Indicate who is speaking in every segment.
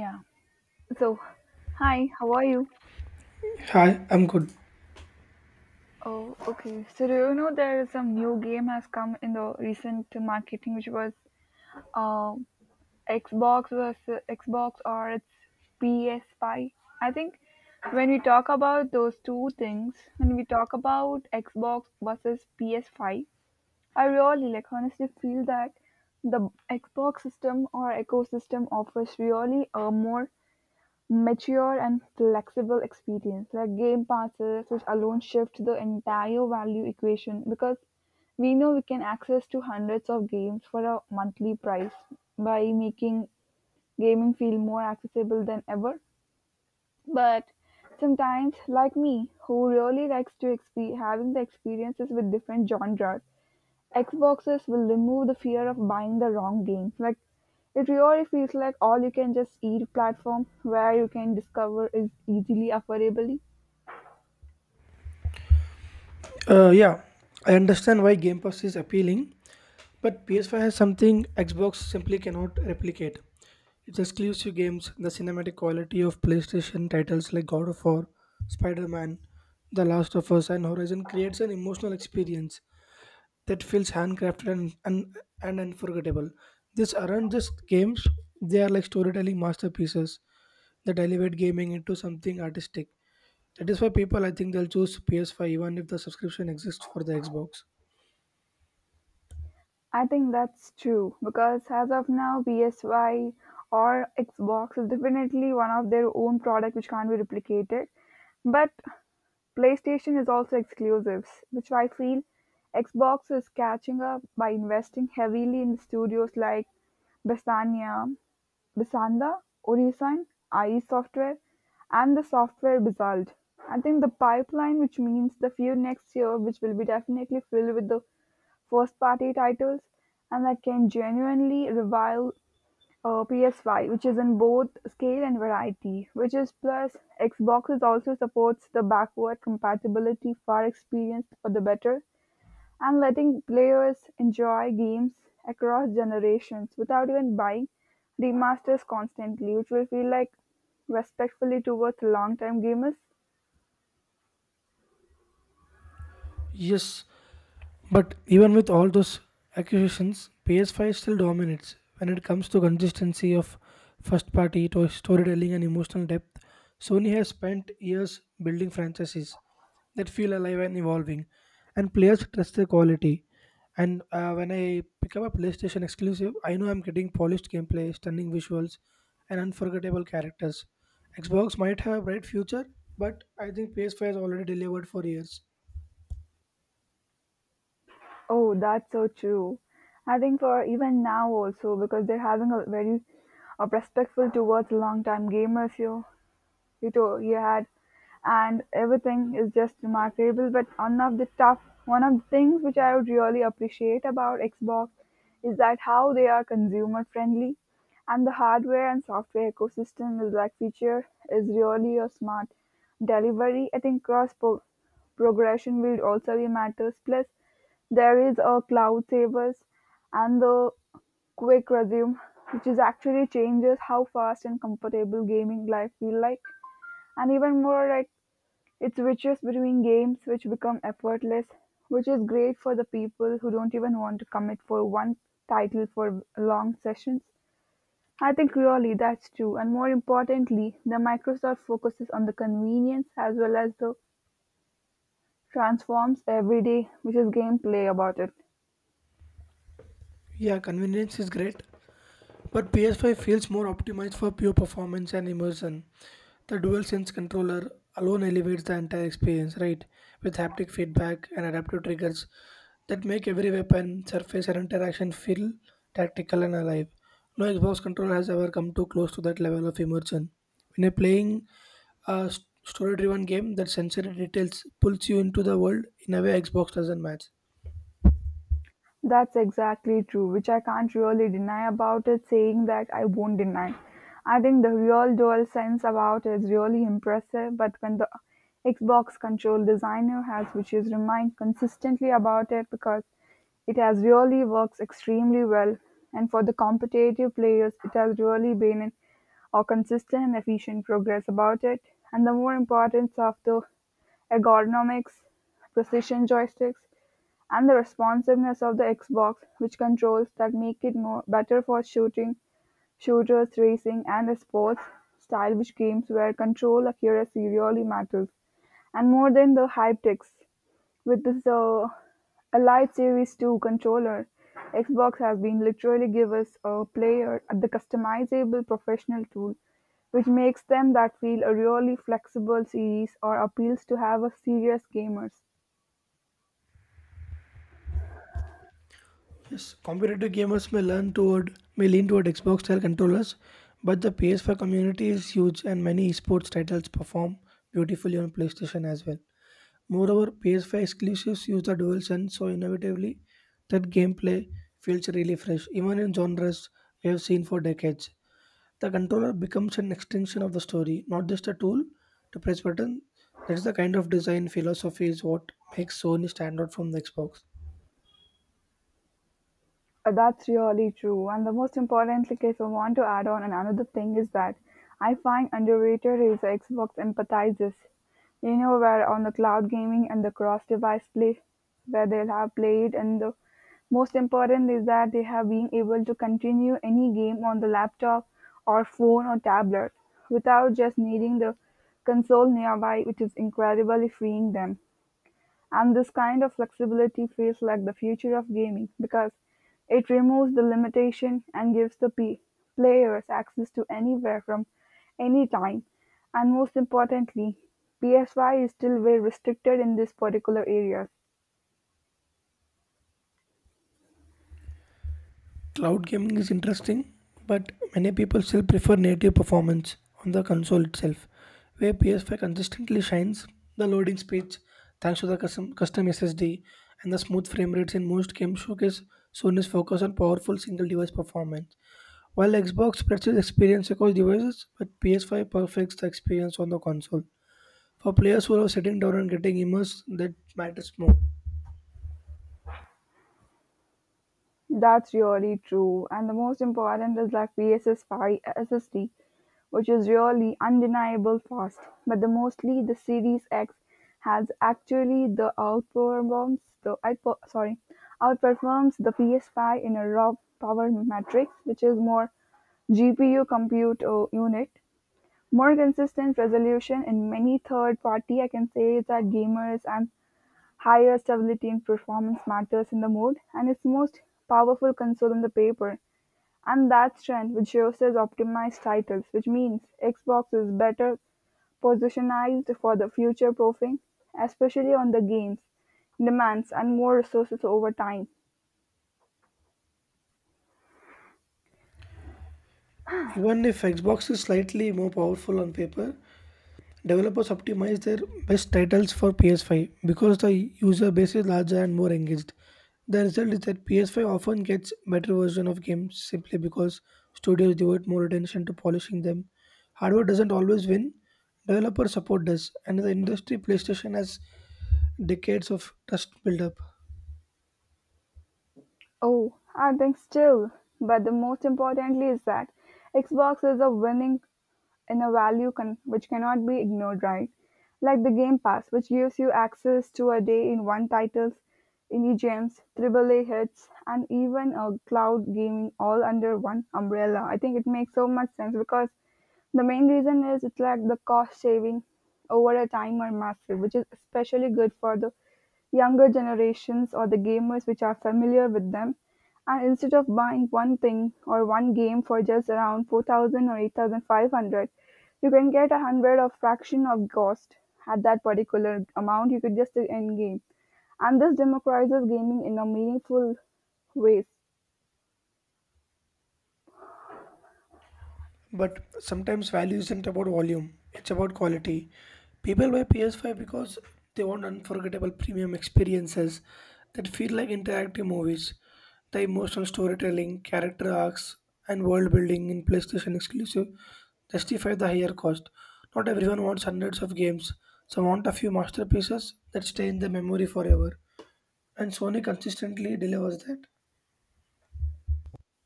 Speaker 1: Yeah. So, hi, how are you?
Speaker 2: Hi, I'm good.
Speaker 1: Oh, okay. So, do you know there is some new game has come in the recent marketing, which was uh, Xbox versus Xbox or it's PS5? I think when we talk about those two things, when we talk about Xbox versus PS5, I really, like, honestly feel that the Xbox system or ecosystem offers really a more mature and flexible experience, like game passes, which alone shift the entire value equation because we know we can access to hundreds of games for a monthly price by making gaming feel more accessible than ever. But sometimes, like me, who really likes to having the experiences with different genres, Xboxes will remove the fear of buying the wrong game. Like it really feels like all you can just eat platform where you can discover is easily affordably.
Speaker 2: Uh, yeah, I understand why Game Pass is appealing, but PS5 has something Xbox simply cannot replicate. Its exclusive games, the cinematic quality of PlayStation titles like God of War, Spider Man, The Last of Us, and Horizon creates an emotional experience that feels handcrafted and unforgettable. These aren't just games, they are like storytelling masterpieces that elevate gaming into something artistic. That is why people I think they'll choose PS5 even if the subscription exists for the Xbox.
Speaker 1: I think that's true because as of now PSY or Xbox is definitely one of their own product which can't be replicated. But PlayStation is also exclusives, which I feel Xbox is catching up by investing heavily in studios like Bestania Bisanda, Orisan, ie Software, and the software basalt. I think the pipeline, which means the few next year, which will be definitely filled with the first party titles, and that can genuinely revive PS5, which is in both scale and variety. Which is plus, Xbox also supports the backward compatibility for experience for the better, and letting players enjoy games across generations without even buying remasters constantly, which will feel like respectfully towards long-time gamers.
Speaker 2: Yes, but even with all those accusations, PS5 still dominates when it comes to consistency of first party to storytelling and emotional depth. Sony has spent years building franchises that feel alive and evolving, and players trust the quality. And When I pick up a PlayStation exclusive, I know I'm getting polished gameplay, stunning visuals, and unforgettable characters. Xbox might have a bright future, but I think PS5 has already delivered for years.
Speaker 1: Oh, that's so true. I think for even now also because they're having a very respectful towards long-time gamers here. He, to- he had, And everything is just remarkable. But one of the things which I would really appreciate about Xbox is that how they are consumer friendly, and the hardware and software ecosystem is like feature is really a smart delivery. I think progression will also be matters. Plus, there is a cloud savers and the quick resume, which is actually changes how fast and comfortable gaming life feel like, and even more like it switches between games which become effortless, which is great for the people who don't even want to commit for one title for long sessions. I think really that's true, and more importantly the Microsoft focuses on the convenience as well as the transforms every day which is gameplay about it.
Speaker 2: Yeah, convenience is great, but PS5 feels more optimized for pure performance and immersion. The DualSense controller alone elevates the entire experience, right? With haptic feedback and adaptive triggers that make every weapon, surface, and interaction feel tactical and alive. No Xbox controller has ever come too close to that level of immersion. When you're playing a story driven game, that sensory details pulls you into the world in a way Xbox doesn't match.
Speaker 1: That's exactly true, which I can't really deny about it, saying that I won't deny. I think the real dual sense about it is really impressive, but when the Xbox control designer has, which is remind consistently about it because it has really works extremely well, and for the competitive players, it has really been an or consistent and efficient progress about it, and the more importance of the ergonomics, precision joysticks, and the responsiveness of the Xbox, which controls that make it more better for shooting, shooters, racing, and sports-style which games where control accuracy really matters, and more than the hype text. With this Elite Series 2 controller, Xbox has been literally give us a player the customizable professional tool, which makes them that feel a really flexible series or appeals to have a serious gamers.
Speaker 2: Yes, competitive gamers may learn toward may lean toward Xbox style controllers, but the ps 4 community is huge and many esports titles perform beautifully on PlayStation as well. Moreover, PS5 exclusives use the DualSense so innovatively that gameplay feels really fresh, even in genres we have seen for decades. The controller becomes an extension of the story, not just a tool to press button. That's the kind of design philosophy is what makes Sony stand out from the Xbox.
Speaker 1: That's really true. And the most important, like if I want to add on, and another thing is that I find underrated is Xbox empathizes. You know, where on the cloud gaming and the cross device play, where they'll have played, and the most important is that they have been able to continue any game on the laptop or phone or tablet without just needing the console nearby, which is incredibly freeing them. And this kind of flexibility feels like the future of gaming because it removes the limitation and gives the players access to anywhere from any time. And most importantly, PSY is still very restricted in this particular area.
Speaker 2: Cloud gaming is interesting, but many people still prefer native performance on the console itself, where PS5 consistently shines the loading speeds thanks to the custom SSD and the smooth frame rates in most games showcase Sony's focus on powerful single device performance. While Xbox spreads its experience across devices, but PS5 perfects the experience on the console. For players who are sitting down and getting immersed, that matters more.
Speaker 1: That's really true, and the most important is like VSS 5 SSD, which is really undeniable fast. But the mostly the Series X has actually the outperforms the outper, sorry outperforms the PS5 in a raw power matrix, which is more GPU compute unit, more consistent resolution, and many third party I can say that gamers and higher stability in performance matters in the mode, and its most powerful console in the paper, and that trend which shows as optimized titles, which means Xbox is better positioned for the future proofing, especially on the games, demands and more resources over time.
Speaker 2: Even if Xbox is slightly more powerful on paper, developers optimize their best titles for PS5 because the user base is larger and more engaged. The result is that PS5 often gets better version of games simply because studios devote more attention to polishing them. Hardware doesn't always win, developer support does, and the industry PlayStation has decades of trust build up.
Speaker 1: Oh, I think still, but the most importantly is that Xbox is a winning in a value con which cannot be ignored, right? Like the Game Pass, which gives you access to a day in one titles, indie gems, triple A hits, and even a cloud gaming all under one umbrella. I think it makes so much sense because the main reason is it's like the cost saving over a time are massive, which is especially good for the younger generations or the gamers which are familiar with them, and instead of buying one thing or one game for just around 4,000 or 8,500, you can get a hundred of fraction of cost at that particular amount you could just end game, and this democratizes gaming in a meaningful ways.
Speaker 2: But sometimes value isn't about volume, it's about quality. People buy PS5 because they want unforgettable premium experiences that feel like interactive movies. The emotional storytelling, character arcs, and world building in PlayStation exclusive justify the higher cost. Not everyone wants hundreds of games, some want a few masterpieces that stay in their memory forever. And Sony consistently delivers that.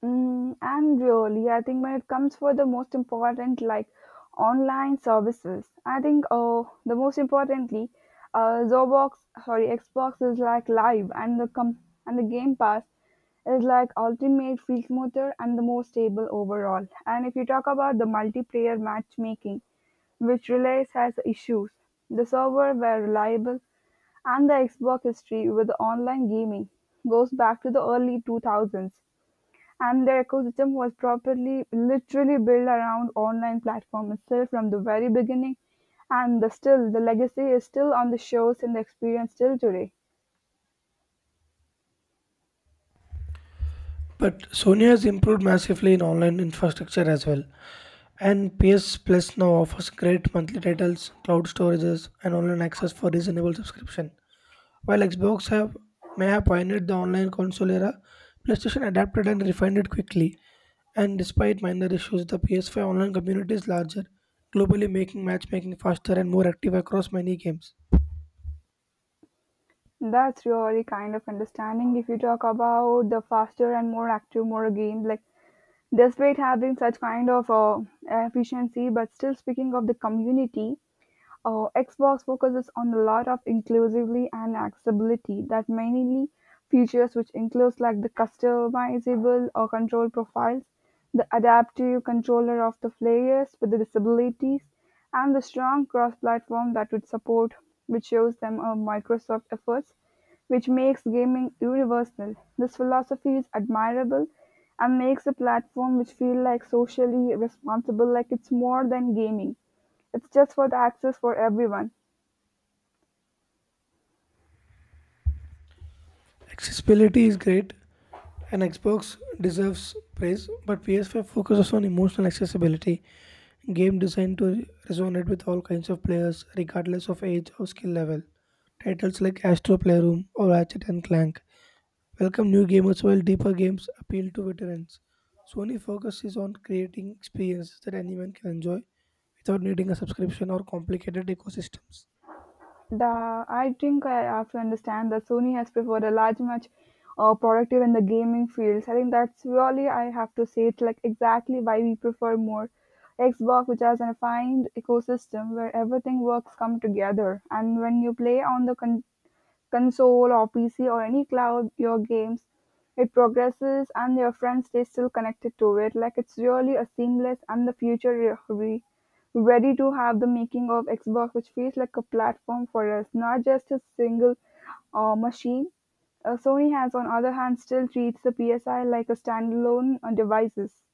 Speaker 1: Mm, and really, I think when it comes for the most important, like online services, I think the most importantly, uh, Xbox, Xbox is like live, and and the Game Pass is like ultimate field motor and the most stable overall. And if you talk about the multiplayer matchmaking, which relays has issues, the server were reliable, and the Xbox history with the online gaming goes back to the early 2000s, and their ecosystem was properly, literally built around online platform itself from the very beginning. And the still, the legacy is still on the shows and the experience still today.
Speaker 2: But Sony has improved massively in online infrastructure as well. And PS Plus now offers great monthly titles, cloud storages, and online access for reasonable subscription. While Xbox have may have pioneered the online console era, PlayStation adapted and refined it quickly. And despite minor issues, the PS5 online community is larger, globally making matchmaking faster and more active across many games.
Speaker 1: That's really kind of understanding if you talk about the faster and more active, more games. Like, despite having such kind of efficiency, but still speaking of the community, oh, Xbox focuses on a lot of inclusively and accessibility that mainly features which includes like the customizable or control profiles, the adaptive controller of the players with the disabilities, and the strong cross-platform that would support, which shows them a Microsoft efforts, which makes gaming universal. This philosophy is admirable and makes the platform which feel like socially responsible, like it's more than gaming. It's just for the access for everyone.
Speaker 2: Accessibility is great, and Xbox deserves praise, but PS5 focuses on emotional accessibility, game designed to resonate with all kinds of players, regardless of age or skill level. Titles like Astro Playroom or Ratchet and Clank welcome new gamers while deeper games appeal to veterans. Sony focuses on creating experiences that anyone can enjoy without needing a subscription or complicated ecosystems.
Speaker 1: The I think I have to understand that Sony has preferred a large, much productive in the gaming fields. I think that's really I have to say it's like exactly why we prefer more Xbox, which has a fine ecosystem where everything works come together. And when you play on the console or PC or any cloud your games. It progresses and your friends stay still connected to it. Like it's really a seamless and the future ready to have the making of Xbox, which feels like a platform for us, not just a single machine. Sony has, on other hand, still treats the PSI like a standalone devices.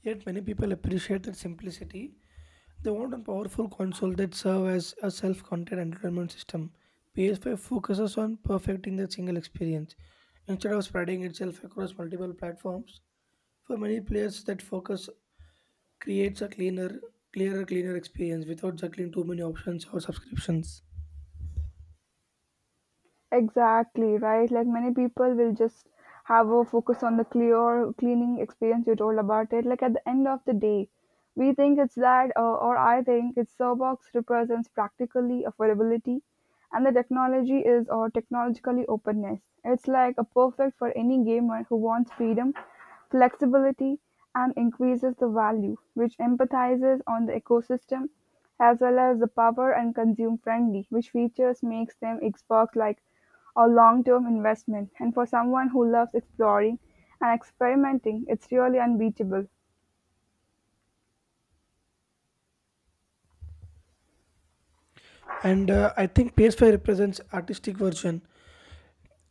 Speaker 2: Yet many people appreciate that simplicity. They want a powerful console that serves as a self-contained entertainment system. PS5 focuses on perfecting the single experience instead of spreading itself across multiple platforms. For many players, that focus creates a cleaner experience without juggling too many options or subscriptions.
Speaker 1: Exactly, right? Like many people will just have a focus on the clear cleaning experience you told about it. Like at the end of the day, we think it's that, or I think it's Starbucks represents practically affordability and the technology is or technologically openness. It's like a perfect for any gamer who wants freedom, flexibility, and increases the value, which empathizes on the ecosystem as well as the power and consume friendly, which features makes them Xbox like a long-term investment. And for someone who loves exploring and experimenting, it's really unbeatable.
Speaker 2: And I think PS5 represents artistic version,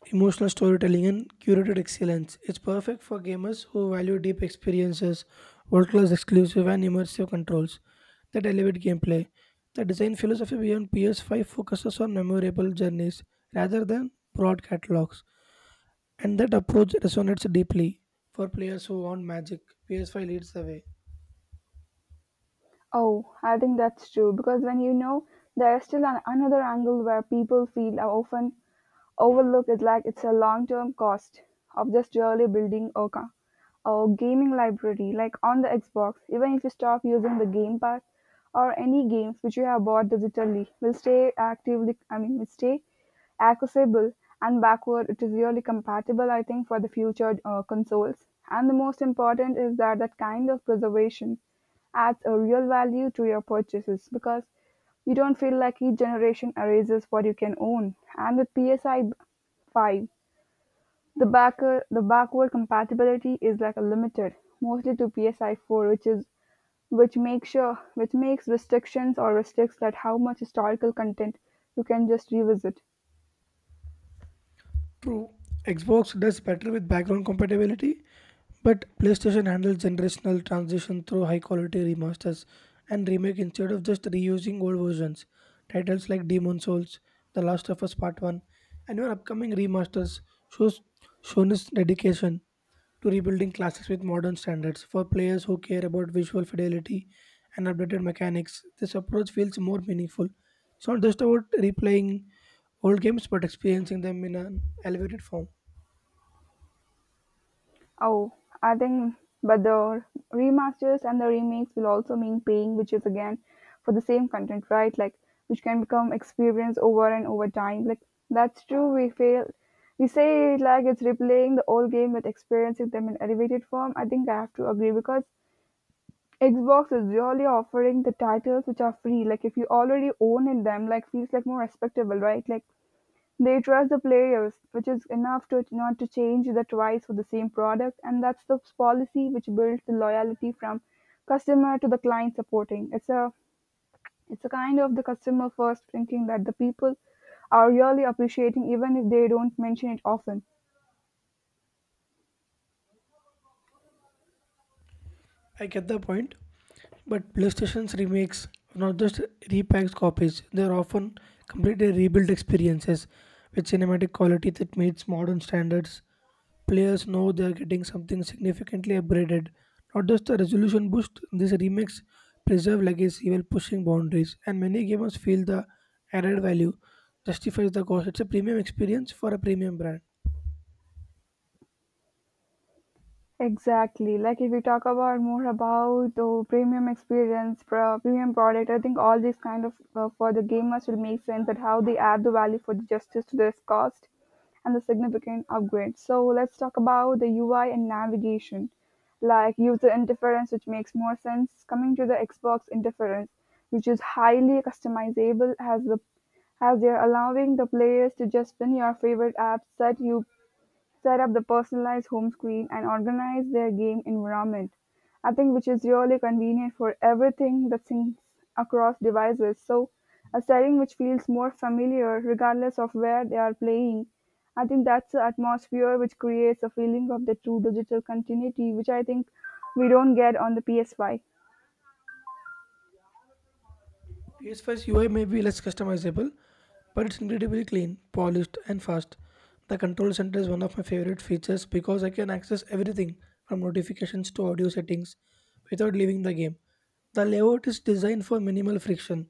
Speaker 2: emotional storytelling and curated excellence. It's perfect for gamers who value deep experiences, world class exclusive and immersive controls that elevate gameplay. The design philosophy beyond PS5 focuses on memorable journeys rather than broad catalogs, and that approach resonates deeply for players who want magic. PS5 leads the way.
Speaker 1: Oh, I think that's true because when you know there's still another angle where people feel are often overlook is like it's a long-term cost of just really building a gaming library like on the Xbox. Even if you stop using the game pass or any games which you have bought digitally will stay actively, I mean will stay accessible, and backward it is really compatible I think for the future consoles, and the most important is that that kind of preservation adds a real value to your purchases because you don't feel like each generation erases what you can own. And with PSI 5, the backward compatibility is like a limited, mostly to PSI 4, which is which makes restrictions or restricts that how much historical content you can just revisit.
Speaker 2: True, Xbox does better with background compatibility, but PlayStation handles generational transition through high quality remasters and remake instead of just reusing old versions. Titles like Demon Souls, The Last of Us Part 1, and even upcoming remasters shows Sony's dedication to rebuilding classics with modern standards. For players who care about visual fidelity and updated mechanics, this approach feels more meaningful. It's not just about replaying old games but experiencing them in an elevated form.
Speaker 1: Oh, I think, but the remasters and the remakes will also mean paying, which is again for the same content, right? Like, which can become experienced over and over time. Like, that's true. We fail. We say it like it's replaying the old game but experiencing them in elevated form. I think I have to agree because Xbox is really offering the titles which are free. Like, if you already own in them, like feels like more respectable, right? Like they trust the players, which is enough to not to change the twice for the same product, and that's the policy which builds the loyalty from customer to the client supporting. It's a kind of the customer first thinking that the people are really appreciating even if they don't mention it often.
Speaker 2: I get the point, but PlayStation's remakes are not just repacked copies, they are often completely rebuilt experiences with cinematic quality that meets modern standards. Players know they are getting something significantly upgraded, not just a resolution boost. These remakes preserve legacy while pushing boundaries, and many gamers feel the added value justifies the cost. It's a premium experience for a premium brand.
Speaker 1: Exactly. Like if we talk about more about the premium experience, premium product, I think all these kind of for the gamers will make sense that how they add the value for the justice to this cost and the significant upgrade. So let's talk about the UI and navigation, like user interference, which makes more sense. Coming to the Xbox interference, which is highly customizable, has the as they're allowing the players to just pin your favorite apps that you set up the personalized home screen and organize their game environment. I think which is really convenient for everything that syncs across devices. So a setting which feels more familiar regardless of where they are playing. I think that's the atmosphere which creates a feeling of the true digital continuity, which I think we don't get on the PS5.
Speaker 2: PS5's UI may be less customizable, but it's incredibly clean, polished, and fast. The control center is one of my favorite features because I can access everything from notifications to audio settings without leaving the game. The layout is designed for minimal friction,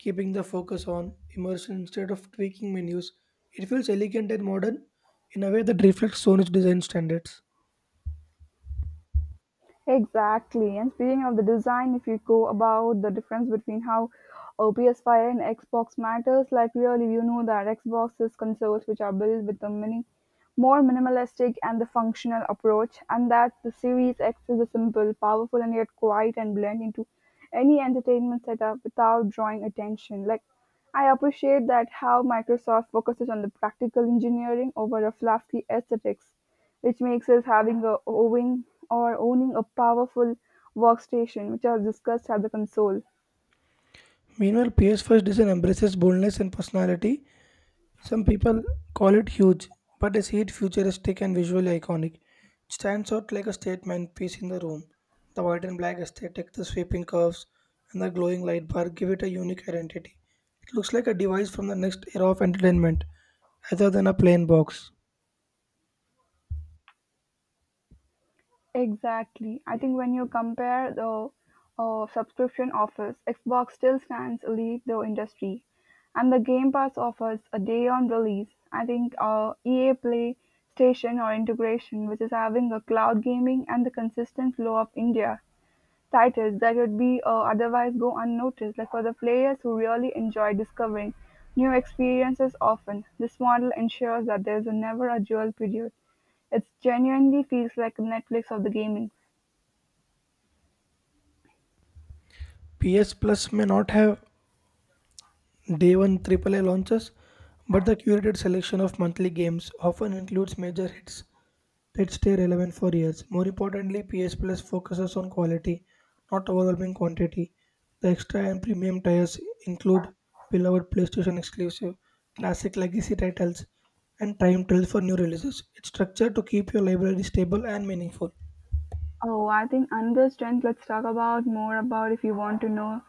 Speaker 2: keeping the focus on immersion instead of tweaking menus. It feels elegant and modern in a way that reflects Sony's design standards.
Speaker 1: Exactly. And speaking of the design, if you go about the difference between how a PS5 and Xbox matters, like really, you know that Xbox is consoles which are built with a mini, more minimalistic and the functional approach, and that the Series X is a simple, powerful, and yet quiet and blend into any entertainment setup without drawing attention. Like, I appreciate that how Microsoft focuses on the practical engineering over a fluffy aesthetics which makes us having a owing or owning a powerful workstation, which I've discussed as a console.
Speaker 2: Meanwhile, PS5's design embraces boldness and personality. Some people call it huge, but I see it futuristic and visually iconic. It stands out like a statement piece in the room. The white and black aesthetic, the sweeping curves, and the glowing light bar give it a unique identity. It looks like a device from the next era of entertainment, rather than a plain box.
Speaker 1: Exactly. I think when you compare the subscription offers, Xbox still stands elite the industry, and the Game Pass offers a day on release. I think EA Play Station or integration, which is having a cloud gaming and the consistent flow of India titles that would be otherwise go unnoticed, like for the players who really enjoy discovering new experiences often, this model ensures that there's never a dull period. It genuinely feels like a Netflix of the gaming.
Speaker 2: PS Plus may not have day one AAA launches, but the curated selection of monthly games often includes major hits that stay relevant for years. More importantly, PS Plus focuses on quality, not overwhelming quantity. The extra and premium tiers include beloved PlayStation exclusive, classic legacy titles, and time trials for new releases. It's structured to keep your library stable and meaningful.
Speaker 1: Oh, I think another strength, let's talk about more about if you want to know.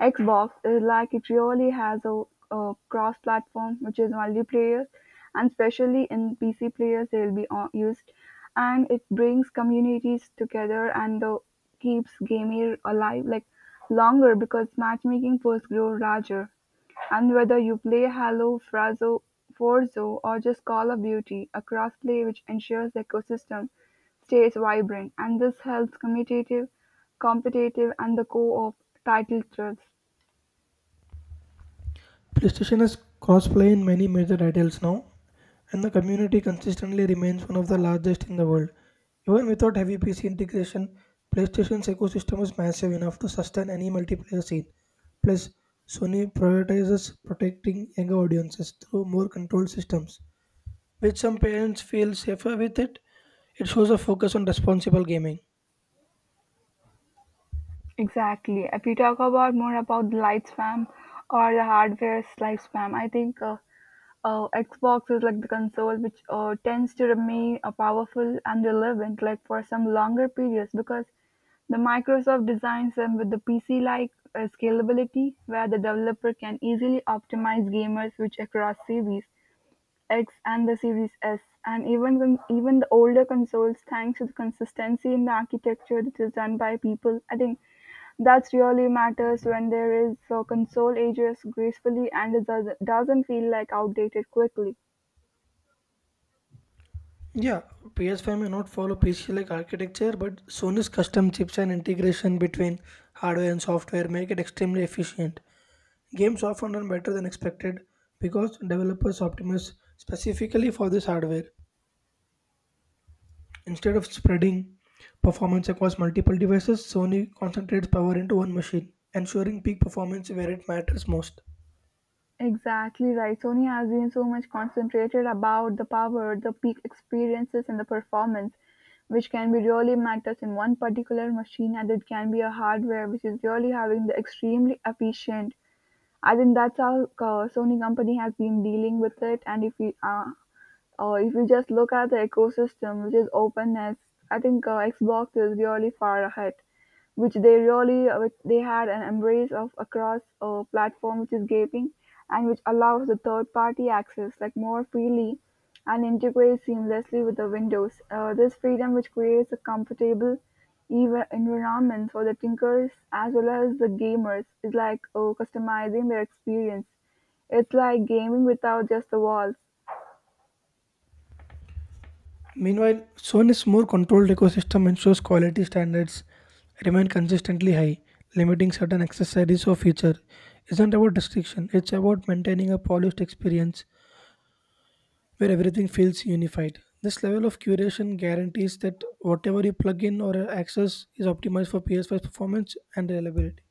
Speaker 1: Xbox is like it really has a cross platform which is multiplayer and especially in PC players they'll be used and it brings communities together and the, keeps gaming alive like longer because matchmaking first grow larger and whether you play Halo, Frazo, Forzo, or just Call of Duty, a crossplay which ensures the ecosystem stays vibrant, and this helps competitive, and the co-op title thrills.
Speaker 2: PlayStation is crossplay in many major titles now, and the community consistently remains one of the largest in the world. Even without heavy PC integration, PlayStation's ecosystem is massive enough to sustain any multiplayer scene. Plus, Sony prioritizes protecting younger audiences through more controlled systems, which some parents feel safer with it. It shows a focus on responsible gaming.
Speaker 1: Exactly. If we talk about more about the light spam or the hardware light spam, I think Xbox is like the console which tends to remain powerful and relevant like for some longer periods because the Microsoft designs them with the PC-like scalability where the developer can easily optimize gamers which across series. X and the Series S, and even the older consoles, thanks to the consistency in the architecture that is done by people. I think that's really matters when there is a console ages gracefully and it doesn't feel like outdated quickly.
Speaker 2: Yeah, PS5 may not follow PC-like architecture, but Sony's custom chips and integration between hardware and software make it extremely efficient. Games often run better than expected because developers optimize specifically for this hardware. Instead of spreading performance across multiple devices, Sony concentrates power into one machine, ensuring peak performance where it matters most.
Speaker 1: Exactly right. Sony has been so much concentrated about the power, the peak experiences, and the performance, which can be really matters in one particular machine, and it can be a hardware which is really having the extremely efficient. I think that's how Sony company has been dealing with it. And if we, if you just look at the ecosystem which is openness, I think Xbox is really far ahead, which they really which they had an embrace of across a platform which is gaping and which allows the third party access like more freely and integrates seamlessly with the Windows. This freedom which creates a comfortable even environment for the thinkers as well as the gamers is like customizing their experience. It's like gaming without just the walls.
Speaker 2: Meanwhile, Sony's more controlled ecosystem ensures quality standards remain consistently high. Limiting certain accessories or feature isn't about restriction, it's about maintaining a polished experience where everything feels unified. This level of curation guarantees that whatever you plug in or access is optimized for PS5 performance and reliability.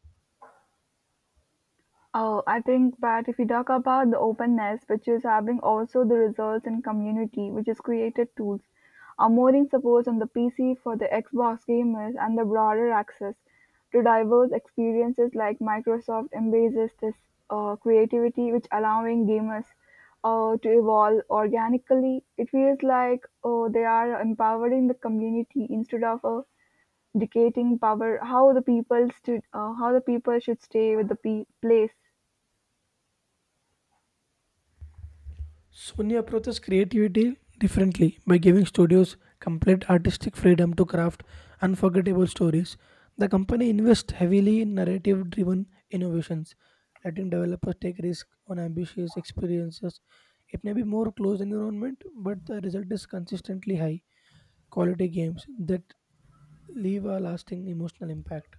Speaker 1: Oh, I think that if we talk about the openness, which is having also the results in community, which is created tools, a modding supports on the PC for the Xbox gamers and the broader access to diverse experiences like Microsoft embraces this creativity, which allowing gamers to evolve organically. It feels like oh, they are empowering the community instead of dictating power how the people should stay with the place.
Speaker 2: Sony approaches creativity differently by giving studios complete artistic freedom to craft unforgettable stories. The company invests heavily in narrative driven innovations, letting developers take risks on ambitious experiences. It may be more closed environment, but the result is consistently high quality games that leave a lasting emotional impact.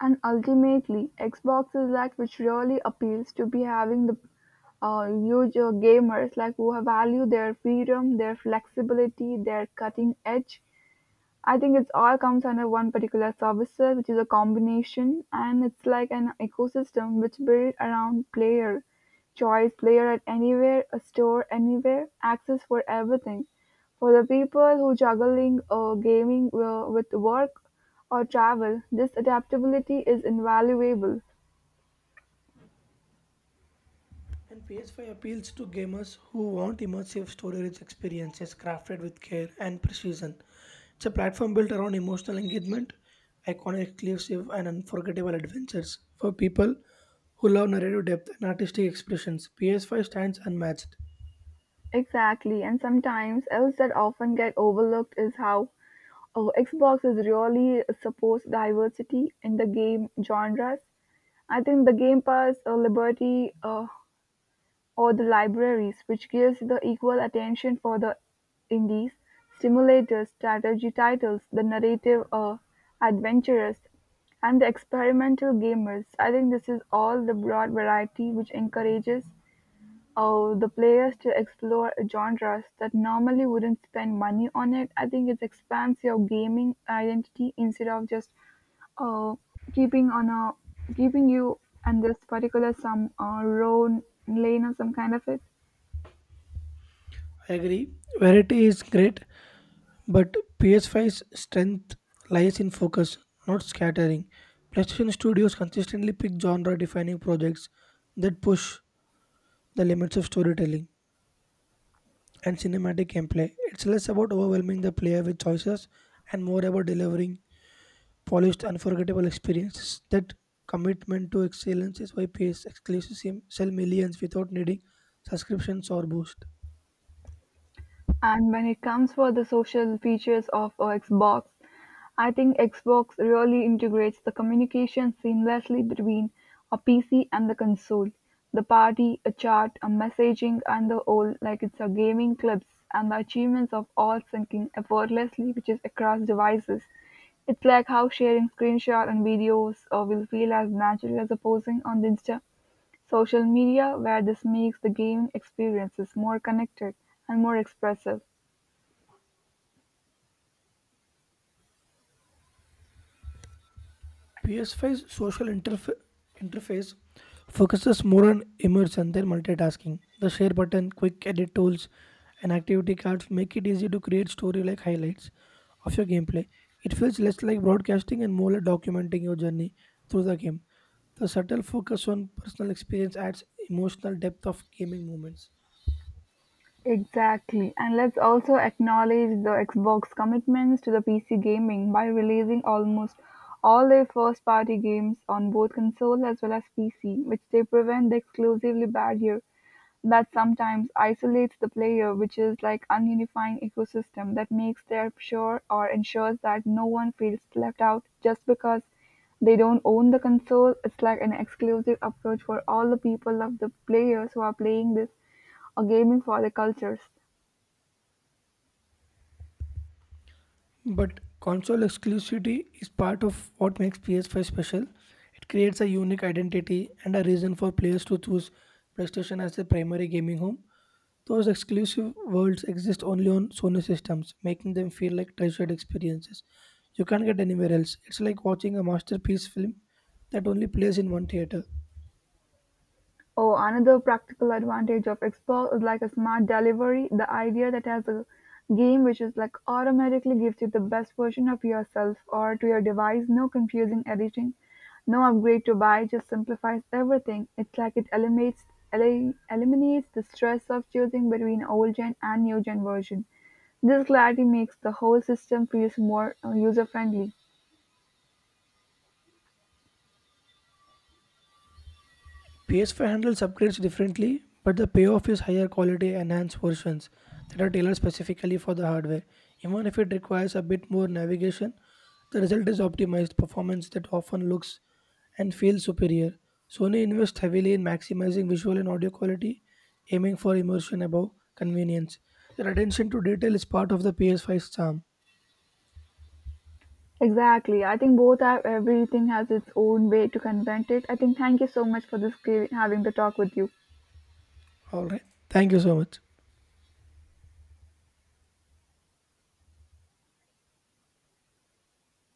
Speaker 1: And ultimately, Xbox is like which really appeals to be having the huge gamers like who have value their freedom, their flexibility, their cutting edge. I think it's all comes under one particular servicer, which is a combination, and it's like an ecosystem which build around player choice, player at anywhere, a store anywhere, access for everything. For the people who juggling gaming with work or travel, this adaptability is invaluable.
Speaker 2: And PS5 appeals to gamers who want immersive story rich experiences crafted with care and precision. It's a platform built around emotional engagement, iconic exclusive, and unforgettable adventures. For people who love narrative depth and artistic expressions, PS5 stands unmatched.
Speaker 1: Exactly, and sometimes else that often get overlooked is how Xbox is really supports diversity in the game genres. I think the Game Pass liberty or the libraries, which gives the equal attention for the indies, stimulators, strategy titles, the narrative adventurers, and the experimental gamers. I think this is all the broad variety which encourages the players to explore genres that normally wouldn't spend money on it. I think it expands your gaming identity instead of just uh, keeping on a keeping you and this particular some row lane or some kind of it.
Speaker 2: I agree, variety is great, but PS5's strength lies in focus, not scattering. PlayStation Studios consistently pick genre defining projects that push the limits of storytelling and cinematic gameplay. It's less about overwhelming the player with choices and more about delivering polished, unforgettable experiences. That commitment to excellence is why PS exclusives sell millions without needing subscriptions or boost.
Speaker 1: And when it comes for the social features of a Xbox, I think Xbox really integrates the communication seamlessly between a PC and the console. The party, a chat, a messaging, and the whole like it's a gaming clips and the achievements of all syncing effortlessly, which is across devices. It's like how sharing screenshots and videos will feel as natural as posting on the Insta social media, where this makes the gaming experiences more connected and more expressive.
Speaker 2: PS5's social interface focuses more on immersion than multitasking. The share button, quick edit tools, and activity cards make it easy to create story like highlights of your gameplay. It feels less like broadcasting and more like documenting your journey through the game. The subtle focus on personal experience adds emotional depth of gaming moments.
Speaker 1: Exactly, and let's also acknowledge the Xbox commitments to the PC gaming by releasing almost all their first party games on both console as well as PC, which they prevent the exclusively barrier that sometimes isolates the player, which is like ununifying ecosystem that makes their sure or ensures that no one feels left out just because they don't own the console. It's like an exclusive approach for all the people of the players who are playing this or gaming for the cultures.
Speaker 2: But console exclusivity is part of what makes PS5 special. It creates a unique identity and a reason for players to choose PlayStation as their primary gaming home. Those exclusive worlds exist only on Sony systems, making them feel like treasured experiences. You can't get anywhere else. It's like watching a masterpiece film that only plays in one theater.
Speaker 1: Oh, another practical advantage of Xbox is like a smart delivery, the idea that has a game which is like automatically gives you the best version of yourself or to your device, no confusing editing, no upgrade to buy, just simplifies everything. It's like it eliminates the stress of choosing between old gen and new gen version. This clarity makes the whole system feels more user friendly.
Speaker 2: PS5 handles upgrades differently, but the payoff is higher quality enhanced versions that are tailored specifically for the hardware. Even if it requires a bit more navigation, the result is optimized performance that often looks and feels superior. Sony invests heavily in maximizing visual and audio quality, aiming for immersion above convenience. Their attention to detail is part of the PS5's charm.
Speaker 1: Exactly. I think both have everything has its own way to confront it. I think thank you so much for this giving, having the talk with you.
Speaker 2: Alright, thank you so much.